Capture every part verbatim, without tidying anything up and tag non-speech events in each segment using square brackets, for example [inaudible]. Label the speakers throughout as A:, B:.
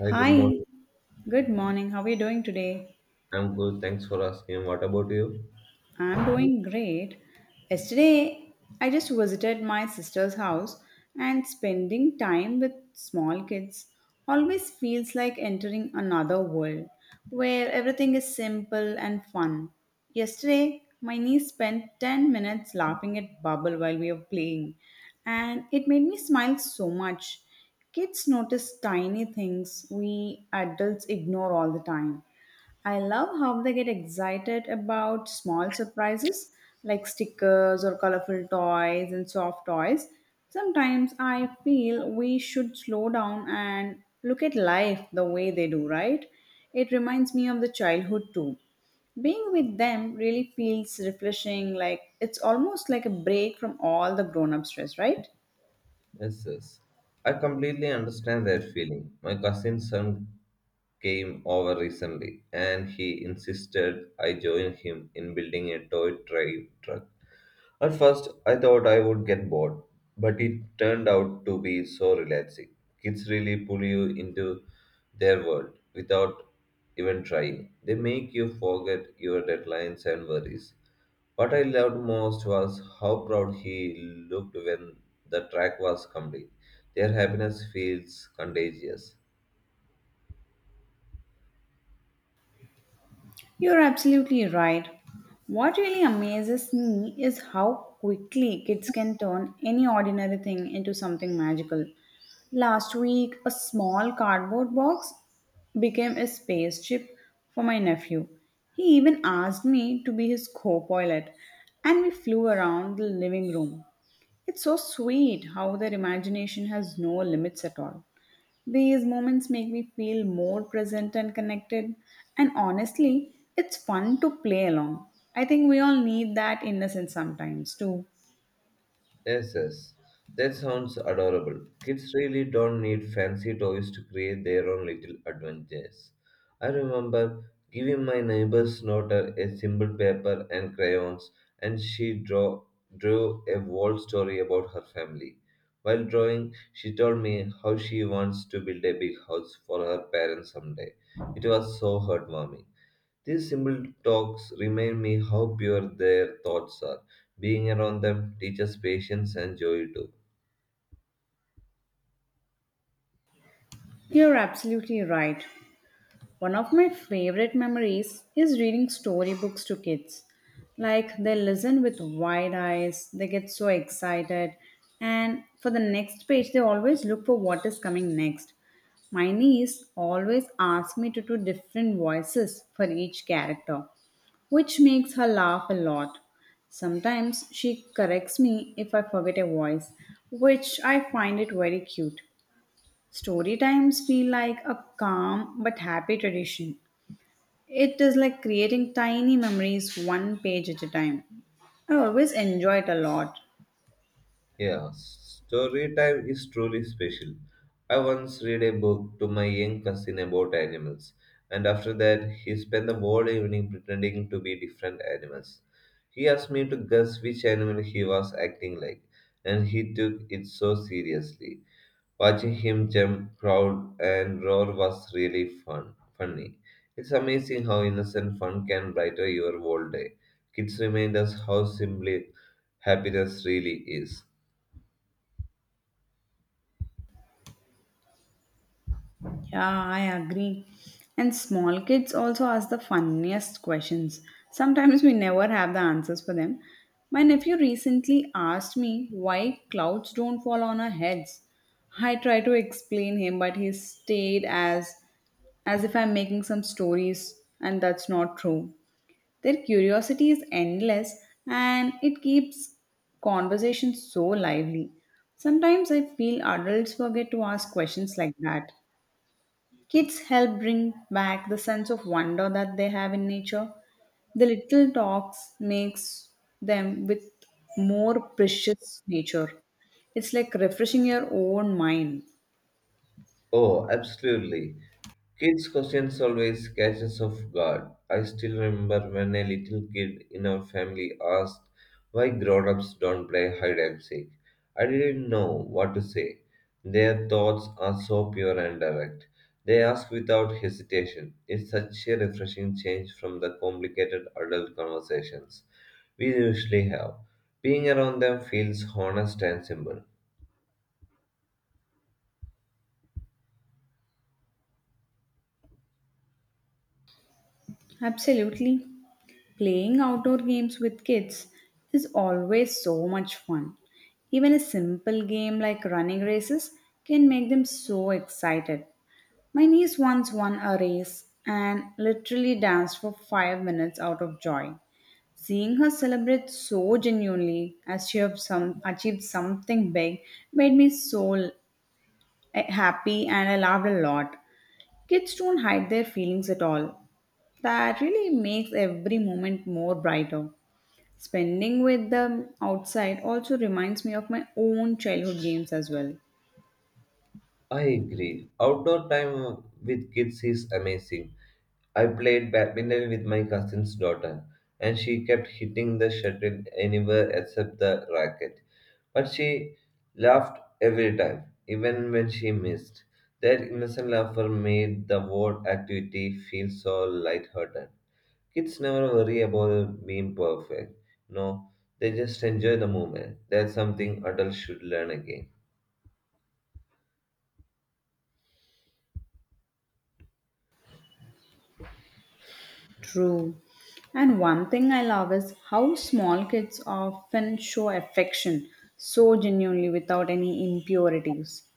A: Hi, good
B: Hi,
A: morning.
B: good morning. How are you doing today?
A: I'm good. Thanks for asking. What about you?
B: I'm doing great. Yesterday, I just visited my sister's house and spending time with small kids always feels like entering another world where everything is simple and fun. Yesterday, my niece spent ten minutes laughing at Bubble while we were playing, and it made me smile so much. Kids notice tiny things we adults ignore all the time. I love how they get excited about small surprises like stickers or colorful toys and soft toys. Sometimes I feel we should slow down and look at life the way they do, right? It reminds me of the childhood too. Being with them really feels refreshing, like it's almost like a break from all the grown up stress, right?
A: Yes, yes. I completely understand that feeling. My cousin's son came over recently and he insisted I join him in building a toy train truck. At first, I thought I would get bored, but it turned out to be so relaxing. Kids really pull you into their world without even trying. They make you forget your deadlines and worries. What I loved most was how proud he looked when the track was complete. Their happiness feels contagious.
B: You're absolutely right. What really amazes me is how quickly kids can turn any ordinary thing into something magical. Last week, a small cardboard box became a spaceship for my nephew. He even asked me to be his co pilot, and we flew around the living room. It's so sweet how their imagination has no limits at all. These moments make me feel more present and connected, and honestly, it's fun to play along. I think we all need that innocence sometimes, too.
A: Yes, yes. That sounds adorable. Kids really don't need fancy toys to create their own little adventures. I remember giving my neighbor's daughter a simple paper and crayons, and she draw, drew a whole story about her family. While drawing, she told me how she wants to build a big house for her parents someday. It was so heartwarming. These simple talks remind me how pure their thoughts are. Being around them teaches patience and joy too.
B: You're absolutely right. One of my favorite memories is reading storybooks to kids. Like they listen with wide eyes, they get so excited, and for the next page, they always look for what is coming next. My niece always asks me to do different voices for each character, which makes her laugh a lot. Sometimes she corrects me if I forget a voice, which I find it very cute. Story times feel like a calm but happy tradition. It is like creating tiny memories one page at a time. I always enjoy it a lot.
A: Yeah, story time is truly special. I once read a book to my young cousin about animals, and after that, he spent the whole evening pretending to be different animals. He asked me to guess which animal he was acting like, and he took it so seriously. Watching him jump, growl, and roar was really fun. Funny. It's amazing how innocent fun can brighten your whole day. Kids remind us how simple happiness really is.
B: Yeah, I agree. And small kids also ask the funniest questions. Sometimes we never have the answers for them. My nephew recently asked me why clouds don't fall on our heads. I tried to explain him, but he stayed as as if I'm making some stories, and that's not true. Their curiosity is endless and it keeps conversation so lively. Sometimes I feel adults forget to ask questions like that. Kids help bring back the sense of wonder that they have in nature. The little talks makes them with more precious nature. It's like refreshing your own mind.
A: Oh, absolutely. Kids' questions always catch us off guard. I still remember when a little kid in our family asked why grown ups don't play hide and seek. I didn't know what to say. Their thoughts are so pure and direct. They ask without hesitation. It's such a refreshing change from the complicated adult conversations we usually have. Being around them feels honest and simple.
B: Absolutely. Playing outdoor games with kids is always so much fun. Even a simple game like running races can make them so excited. My niece once won a race and literally danced for five minutes out of joy. Seeing her celebrate so genuinely as she have some, achieved something big made me so l- happy and I laughed a lot. Kids don't hide their feelings at all. That really makes every moment more brighter. Spending with them outside also reminds me of my own childhood games as well.
A: I agree. Outdoor time with kids is amazing. I played badminton with my cousin's daughter, and she kept hitting the shuttle anywhere except the racket. But she laughed every time, even when she missed. That innocent laughter made the whole activity feel so lighthearted. Kids never worry about being perfect. No, they just enjoy the moment. That's something adults should learn again.
B: True. And one thing I love is how small kids often show affection so genuinely without any impurities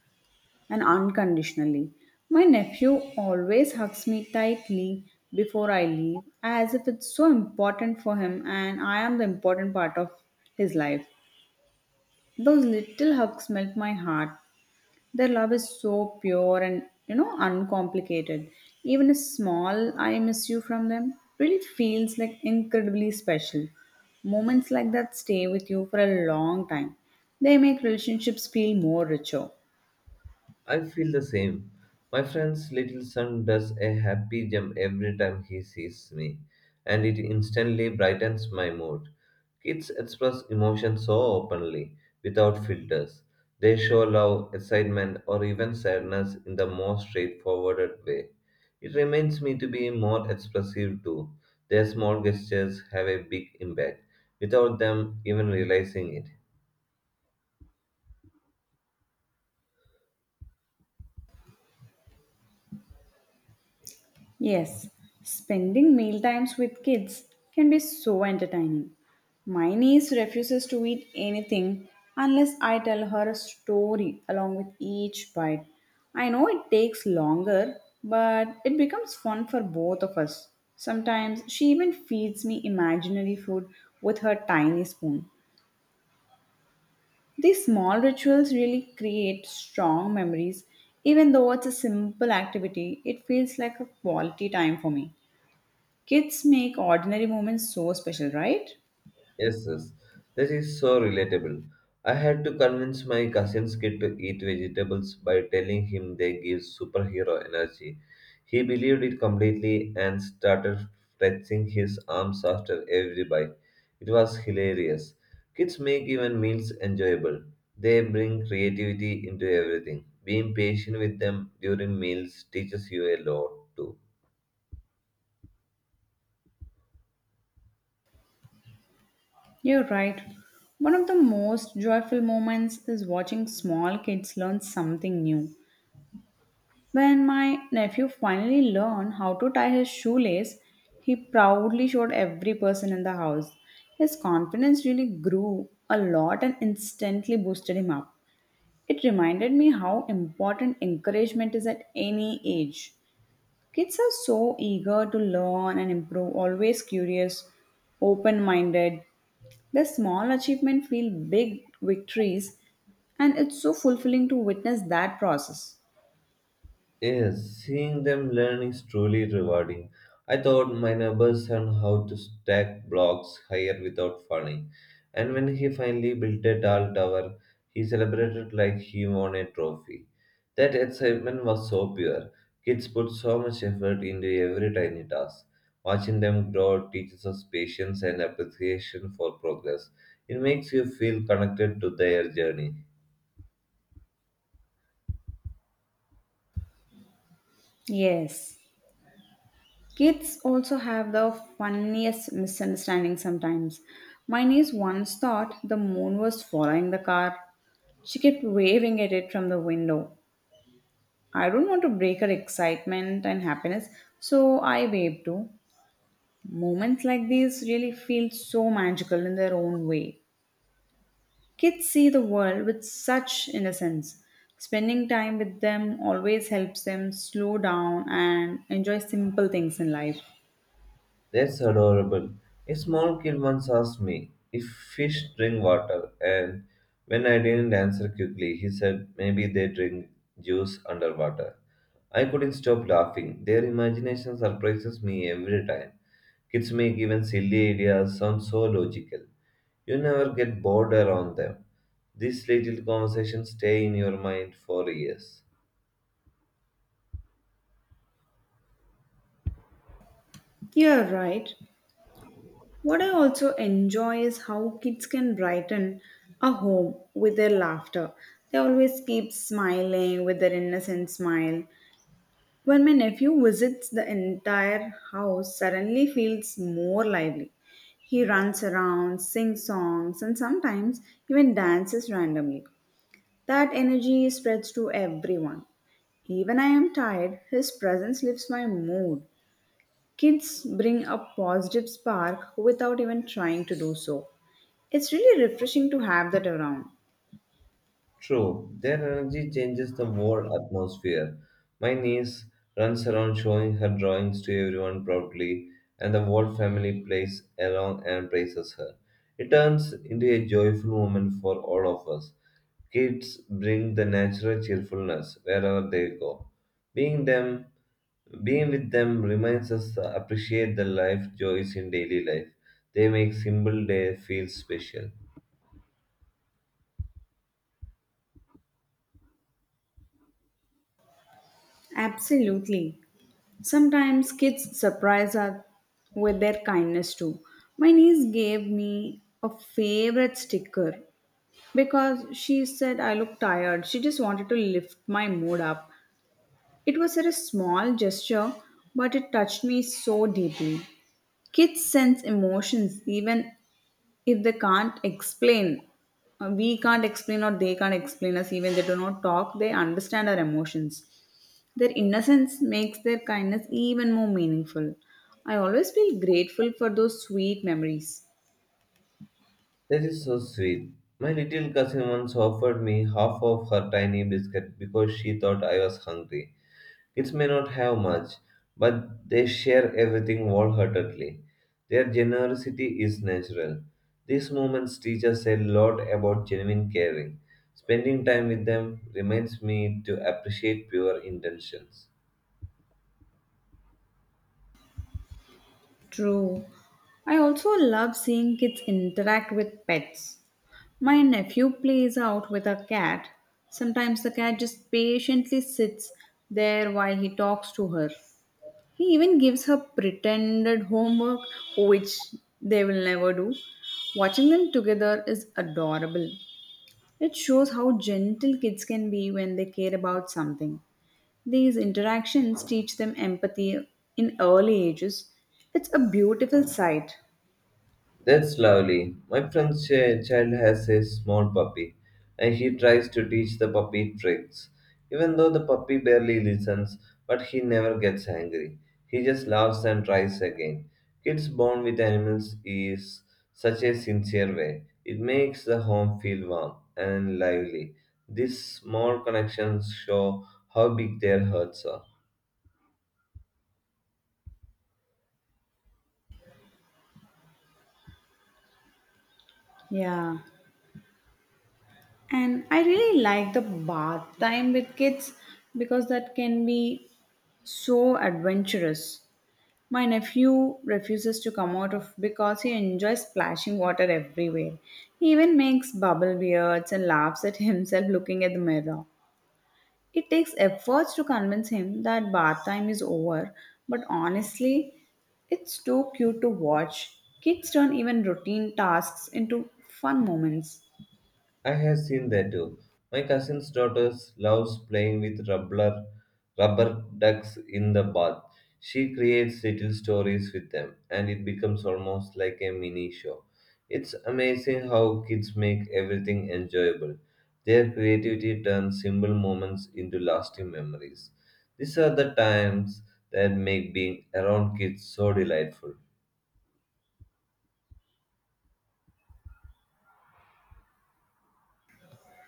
B: and unconditionally. My nephew always hugs me tightly before I leave as if it's so important for him and I am the important part of his life. Those little hugs melt my heart. Their love is so pure and you know uncomplicated. Even a small I miss you from them really feels like incredibly special. Moments like that stay with you for a long time. They make relationships feel more richer.
A: I feel the same. My friend's little son does a happy jump every time he sees me, and it instantly brightens my mood. Kids express emotions so openly, without filters. They show love, excitement, or even sadness in the most straightforward way. It reminds me to be more expressive too. Their small gestures have a big impact, without them even realizing it.
B: Yes, spending meal times with kids can be so entertaining. My niece refuses to eat anything unless I tell her a story along with each bite. I know it takes longer, but it becomes fun for both of us. Sometimes she even feeds me imaginary food with her tiny spoon. These small rituals really create strong memories. Even though it's a simple activity, it feels like a quality time for me. Kids make ordinary moments so special, right?
A: Yes, yes. This is so relatable. I had to convince my cousin's kid to eat vegetables by telling him they give superhero energy. He believed it completely and started flexing his arms after every bite. It was hilarious. Kids make even meals enjoyable. They bring creativity into everything. Being patient with them during meals teaches you a lot too.
B: You're right. One of the most joyful moments is watching small kids learn something new. When my nephew finally learned how to tie his shoelace, he proudly showed every person in the house. His confidence really grew a lot and instantly boosted him up. It reminded me how important encouragement is at any age. Kids are so eager to learn and improve, always curious, open minded. Their small achievements feel big victories, and it's so fulfilling to witness that process.
A: Yes, seeing them learn is truly rewarding. I taught my neighbor's son how to stack blocks higher without falling, and when he finally built a tall tower, he celebrated like he won a trophy. That excitement was so pure. Kids put so much effort into every tiny task. Watching them grow teaches us patience and appreciation for progress. It makes you feel connected to their journey.
B: Yes. Kids also have the funniest misunderstandings sometimes. My niece once thought the moon was following the car. She kept waving at it from the window. I don't want to break her excitement and happiness, so I waved too. Moments like these really feel so magical in their own way. Kids see the world with such innocence. Spending time with them always helps them slow down and enjoy simple things in life.
A: That's adorable. A small kid once asked me if fish drink water, and when I didn't answer quickly, he said maybe they drink juice underwater. I couldn't stop laughing. Their imagination surprises me every time. Kids make even silly ideas sound so logical. You never get bored around them. These little conversations stay in your mind for years.
B: You're right. What I also enjoy is how kids can brighten a home with their laughter. They always keep smiling with their innocent smile. When my nephew visits, the entire house suddenly feels more lively. He runs around, sings songs, and sometimes even dances randomly. That energy spreads to everyone. Even I am tired, his presence lifts my mood. Kids bring a positive spark without even trying to do so. It's really refreshing to have that around.
A: True, their energy changes the whole atmosphere. My niece runs around showing her drawings to everyone proudly, and the whole family plays along and praises her. It turns into a joyful moment for all of us. Kids bring the natural cheerfulness wherever they go. Being them Being with them reminds us to appreciate the life joys in daily life. They make simple day feel special.
B: Absolutely. Sometimes kids surprise us with their kindness too. My niece gave me a favorite sticker because she said I look tired. She just wanted to lift my mood up. It was such a small gesture, but it touched me so deeply. Kids sense emotions even if they can't explain. Uh, We can't explain or they can't explain us, even they do not talk, they understand our emotions. Their innocence makes their kindness even more meaningful. I always feel grateful for those sweet memories.
A: That is so sweet. My little cousin once offered me half of her tiny biscuit because she thought I was hungry. Kids may not have much, but they share everything wholeheartedly. Their generosity is natural. These moments teach us a lot about genuine caring. Spending time with them reminds me to appreciate pure intentions.
B: True. I also love seeing kids interact with pets. My nephew plays out with a cat. Sometimes the cat just patiently sits there while he talks to her. He even gives her pretended homework, which they will never do. Watching them together is adorable. It shows how gentle kids can be when they care about something. These interactions teach them empathy in early ages. It's a beautiful sight.
A: That's lovely. My friend's ch- child has a small puppy, and he tries to teach the puppy tricks. Even though the puppy barely listens, but he never gets angry. He just laughs and tries again. Kids bond with animals is such a sincere way. It makes the home feel warm and lively. These small connections show how big their hearts are.
B: Yeah. And I really like the bath time with kids because that can be so adventurous. My nephew refuses to come out of because he enjoys splashing water everywhere. He even makes bubble beards and laughs at himself looking at the mirror. It takes efforts to convince him that bath time is over, but honestly, it's too cute to watch. Kids turn even routine tasks into fun moments.
A: I have seen that too. My cousin's daughter loves playing with rubber, rubber ducks in the bath. She creates little stories with them, and it becomes almost like a mini show. It's amazing how kids make everything enjoyable. Their creativity turns simple moments into lasting memories. These are the times that make being around kids so delightful.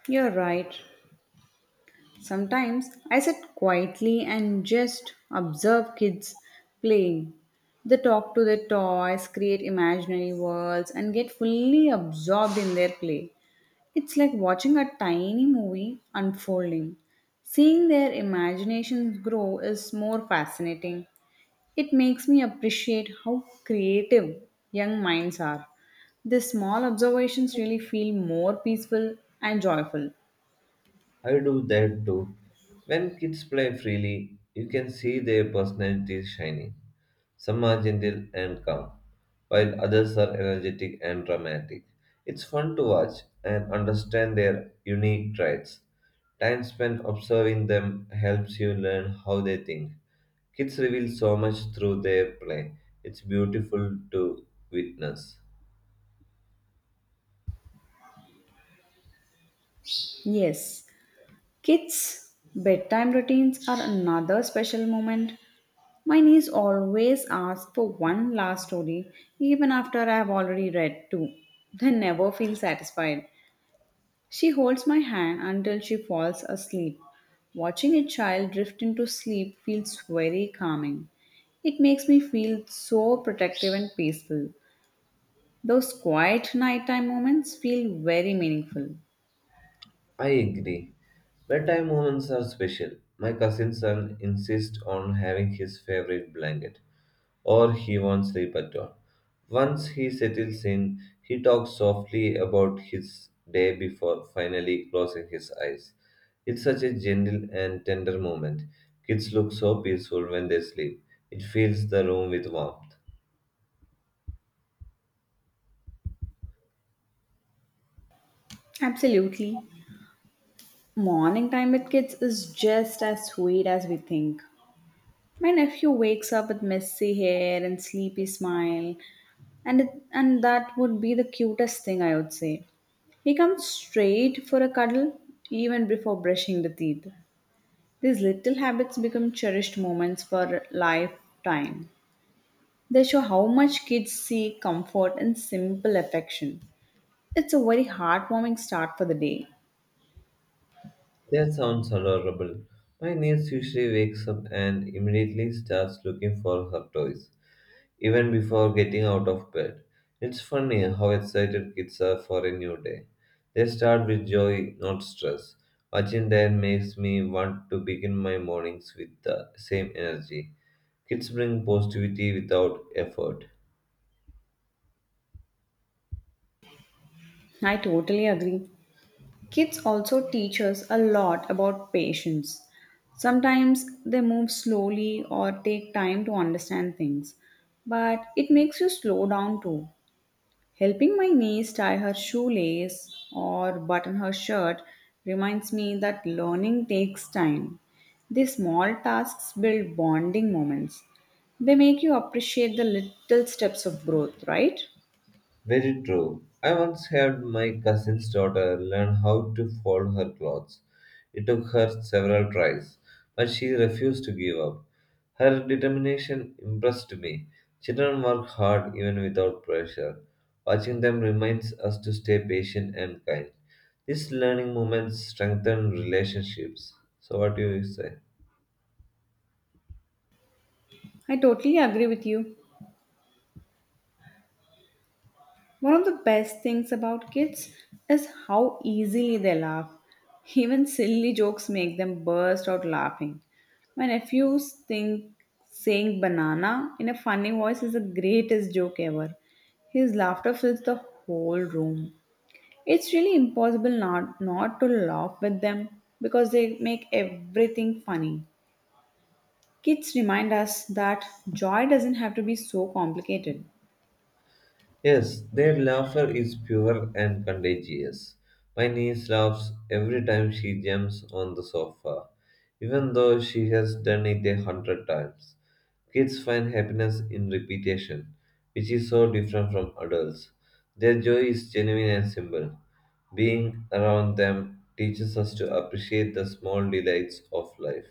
B: You're right. Sometimes I sit quietly and just observe kids playing. They talk to their toys, create imaginary worlds, and get fully absorbed in their play. It's like watching a tiny movie unfolding. Seeing their imaginations grow is more fascinating. It makes me appreciate how creative young minds are. These small observations really feel more peaceful and joyful.
A: I do that too. When kids play freely, you can see their personalities shining. Some are gentle and calm, while others are energetic and dramatic. It's fun to watch and understand their unique traits. Time spent observing them helps you learn how they think. Kids reveal so much through their play. It's beautiful to witness.
B: Yes, kids' bedtime routines are another special moment. My niece always asks for one last story, even after I have already read two. They never feel satisfied. She holds my hand until she falls asleep. Watching a child drift into sleep feels very calming. It makes me feel so protective and peaceful. Those quiet nighttime moments feel very meaningful.
A: I agree. Bedtime moments are special. My cousin's son insists on having his favorite blanket, or he won't sleep at all. Once he settles in, he talks softly about his day before finally closing his eyes. It's such a gentle and tender moment. Kids look so peaceful when they sleep. It fills the room with warmth.
B: Absolutely. Morning time with kids is just as sweet as we think. My nephew wakes up with messy hair and sleepy smile, and it, and that would be the cutest thing I would say. He comes straight for a cuddle even before brushing the teeth. These little habits become cherished moments for lifetime. They show how much kids seek comfort and simple affection. It's a very heartwarming start for the day.
A: That sounds adorable. My niece usually wakes up and immediately starts looking for her toys, even before getting out of bed. It's funny how excited kids are for a new day. They start with joy, not stress. Watching them makes me want to begin my mornings with the same energy. Kids bring positivity without effort.
B: I totally agree. Kids also teach us a lot about patience. Sometimes they move slowly or take time to understand things, but it makes you slow down too. Helping my niece tie her shoelace or button her shirt reminds me that learning takes time. These small tasks build bonding moments. They make you appreciate the little steps of growth, right?
A: Very true. I once helped my cousin's daughter learn how to fold her clothes. It took her several tries, but she refused to give up. Her determination impressed me. Children work hard even without pressure. Watching them reminds us to stay patient and kind. These learning moments strengthen relationships. So, what do you say?
B: I totally agree with you. One of the best things about kids is how easily they laugh. Even silly jokes make them burst out laughing. My nephews think saying banana in a funny voice is the greatest joke ever. His laughter fills the whole room. It's really impossible not, not to laugh with them because they make everything funny. Kids remind us that joy doesn't have to be so complicated.
A: Yes, their laughter is pure and contagious. My niece laughs every time she jumps on the sofa, even though she has done it a hundred times. Kids find happiness in repetition, which is so different from adults. Their joy is genuine and simple. Being around them teaches us to appreciate the small delights of life.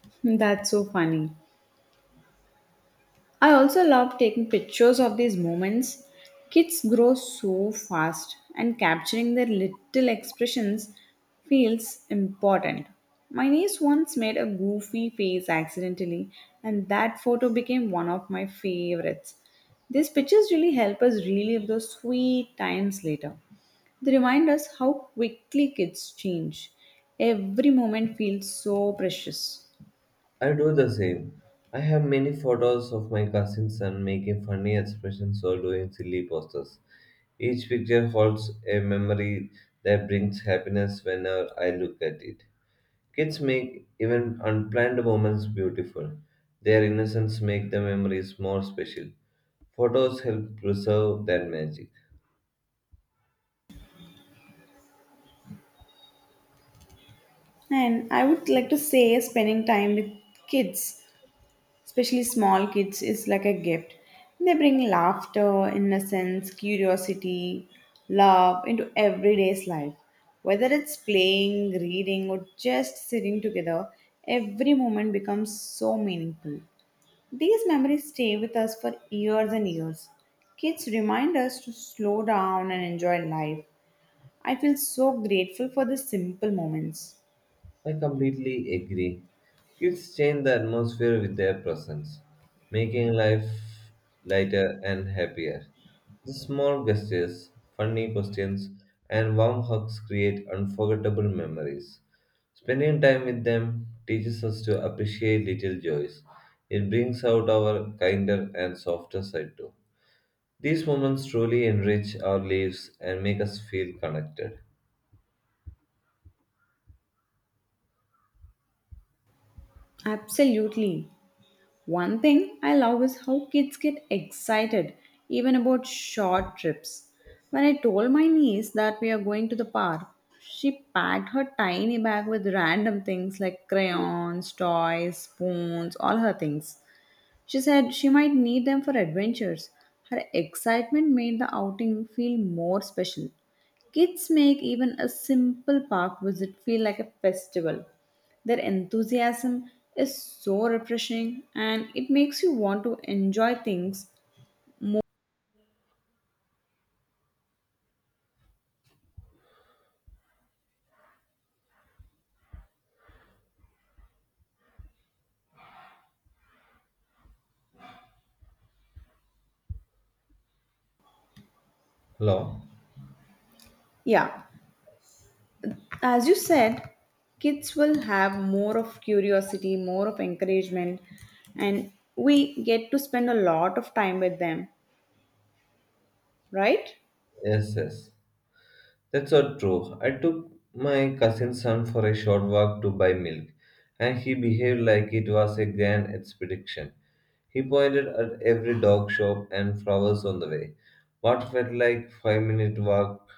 B: [laughs] That's so funny. I also love taking pictures of these moments. Kids grow so fast, and capturing their little expressions feels important. My niece once made a goofy face accidentally, and that photo became one of my favorites. These pictures really help us relive those sweet times later. They remind us how quickly kids change. Every moment feels so precious.
A: I do the same. I have many photos of my cousin son making funny expressions or doing silly poses. Each picture holds a memory that brings happiness whenever I look at it. Kids make even unplanned moments beautiful. Their innocence makes the memories more special. Photos help preserve that magic.
B: And I would like to say spending time with kids especially small kids, is like a gift. They bring laughter, innocence, curiosity, love into everyday's life. Whether it's playing, reading, or just sitting together, every moment becomes so meaningful. These memories stay with us for years and years. Kids remind us to slow down and enjoy life. I feel so grateful for the simple moments.
A: I completely agree. Kids change the atmosphere with their presence, making life lighter and happier. The small gestures, funny questions, and warm hugs create unforgettable memories. Spending time with them teaches us to appreciate little joys. It brings out our kinder and softer side too. These moments truly enrich our lives and make us feel connected.
B: Absolutely. One thing I love is how kids get excited even about short trips. When I told my niece that we are going to the park, she packed her tiny bag with random things like crayons, toys, spoons, all her things. She said she might need them for adventures. Her excitement made the outing feel more special. Kids make even a simple park visit feel like a festival. Their enthusiasm is so refreshing and it makes you want to enjoy things more.
A: Hello?
B: Yeah, as you said, kids will have more of curiosity, more of encouragement, and we get to spend a lot of time with them, right?
A: Yes, yes. That's not true. I took my cousin's son for a short walk to buy milk, and he behaved like it was a grand expedition. He pointed at every dog shop and flowers on the way. What felt like five minute walk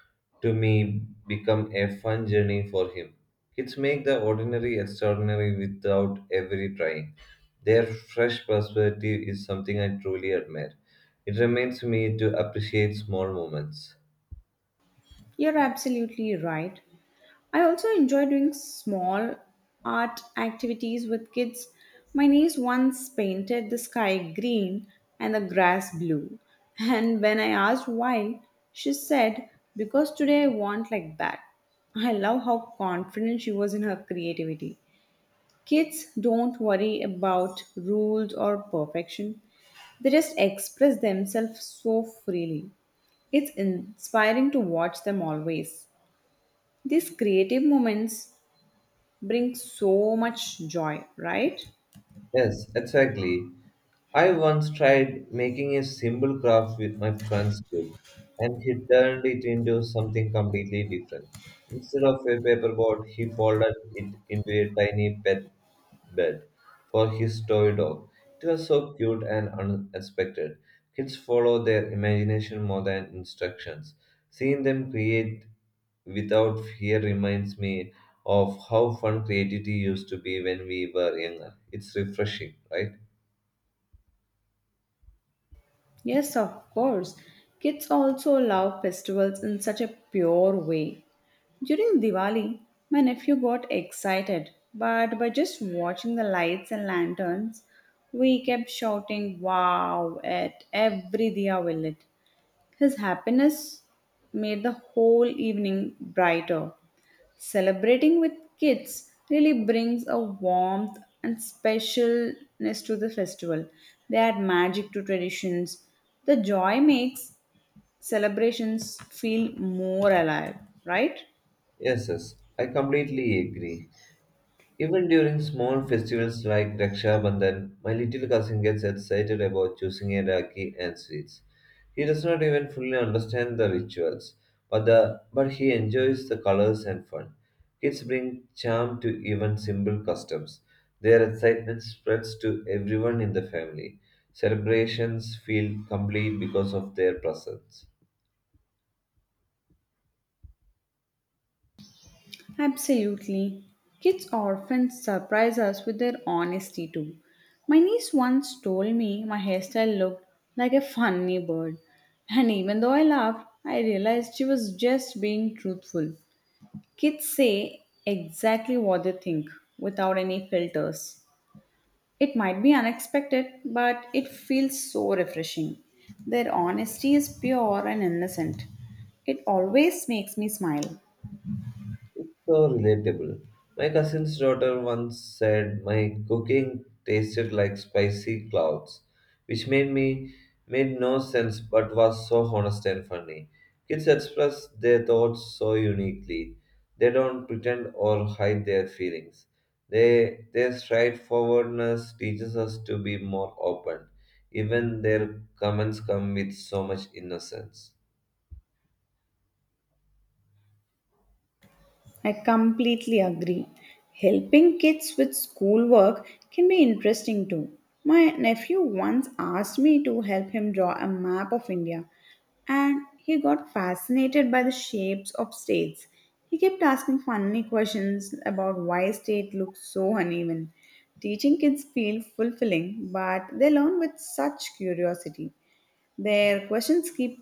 A: to me became a fun journey for him. Kids make the ordinary extraordinary without every trying. Their fresh perspective is something I truly admire. It reminds me to appreciate small moments.
B: You're absolutely right. I also enjoy doing small art activities with kids. My niece once painted the sky green and the grass blue. [laughs] And when I asked why, she said, because today I want like that. I love how confident she was in her creativity. Kids don't worry about rules or perfection, they just express themselves so freely. It's inspiring to watch them always. These creative moments bring so much joy, right?
A: Yes, exactly. I once tried making a simple craft with my friend's group, and he turned it into something completely different. Instead of a paper boat, he folded it into a tiny pet bed for his toy dog. It was so cute and unexpected. Kids follow their imagination more than instructions. Seeing them create without fear reminds me of how fun creativity used to be when we were younger. It's refreshing, right?
B: Yes, of course. Kids also love festivals in such a pure way. During Diwali, my nephew got excited, but by just watching the lights and lanterns, we kept shouting wow at every diya will lit. His happiness made the whole evening brighter. Celebrating with kids really brings a warmth and specialness to the festival. They add magic to traditions. The joy makes celebrations feel more alive, right?
A: Yes, yes, I completely agree. Even during small festivals like Raksha Bandhan, my little cousin gets excited about choosing a rakhi and sweets. He does not even fully understand the rituals, but the but he enjoys the colors and fun. Kids bring charm to even simple customs. Their excitement spreads to everyone in the family. Celebrations feel complete because of their presence.
B: Absolutely. Kids often surprise us with their honesty too. My niece once told me my hairstyle looked like a funny bird, and even though I laughed, I realized she was just being truthful. Kids say exactly what they think without any filters. It might be unexpected, but it feels so refreshing. Their honesty is pure and innocent. It always makes me smile.
A: It's so relatable. My cousin's daughter once said my cooking tasted like spicy clouds, which made me made no sense but was so honest and funny. Kids express their thoughts so uniquely. They don't pretend or hide their feelings. They Their straightforwardness teaches us to be more open. Even their comments come with so much innocence.
B: I completely agree. Helping kids with schoolwork can be interesting too. My nephew once asked me to help him draw a map of India, and he got fascinated by the shapes of states. He kept asking funny questions about why state looks so uneven. Teaching kids feel fulfilling, but they learn with such curiosity. Their questions keep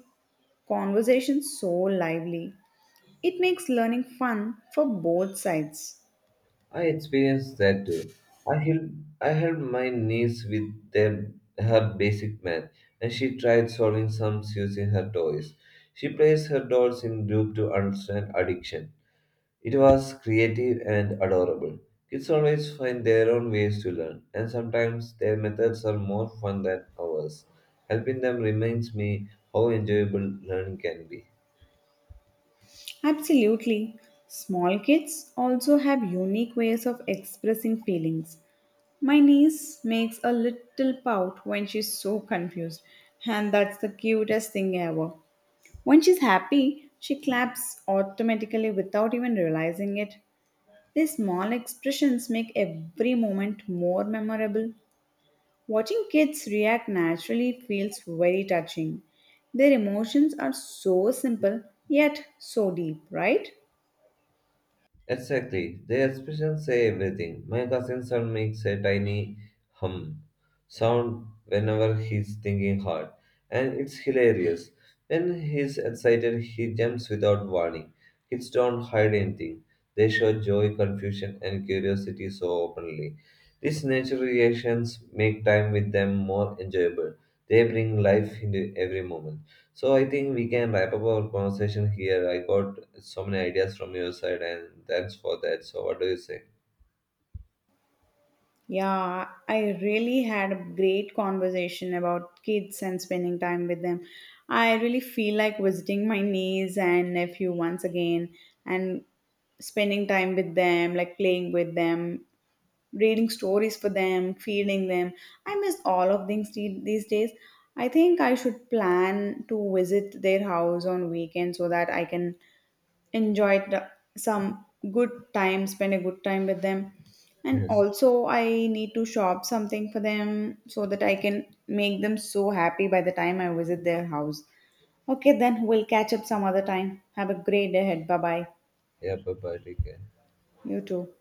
B: conversations so lively. It makes learning fun for both sides.
A: I experienced that too. I helped, I helped my niece with them, her basic math, and she tried solving sums using her toys. She placed her dolls in group to understand addiction. It was creative and adorable. Kids always find their own ways to learn, and sometimes their methods are more fun than ours. Helping them reminds me how enjoyable learning can be.
B: Absolutely. Small kids also have unique ways of expressing feelings. My niece makes a little pout when she's so confused, and that's the cutest thing ever. When she's happy, she claps automatically without even realizing it. These small expressions make every moment more memorable. Watching kids react naturally feels very touching. Their emotions are so simple yet so deep, right?
A: Exactly. Their expressions say everything. My cousin son makes a tiny hum sound whenever he's thinking hard. And it's hilarious. When he's excited, he jumps without warning. Kids don't hide anything. They show joy, confusion, and curiosity so openly. These natural reactions make time with them more enjoyable. They bring life into every moment. So I think we can wrap up our conversation here. I got so many ideas from your side, and thanks for that. So what do you say?
B: Yeah, I really had a great conversation about kids and spending time with them. I really feel like visiting my niece and nephew once again and spending time with them, like playing with them, reading stories for them, feeding them. I miss all of things the- these days. I think I should plan to visit their house on weekend so that I can enjoy the, some good time, spend a good time with them. And
A: Yes.
B: also, I need to shop something for them so that I can make them so happy by the time I visit their house. Okay, then we'll catch up some other time. Have a great day ahead. Bye bye.
A: Yeah. Bye bye. Take care.
B: You too.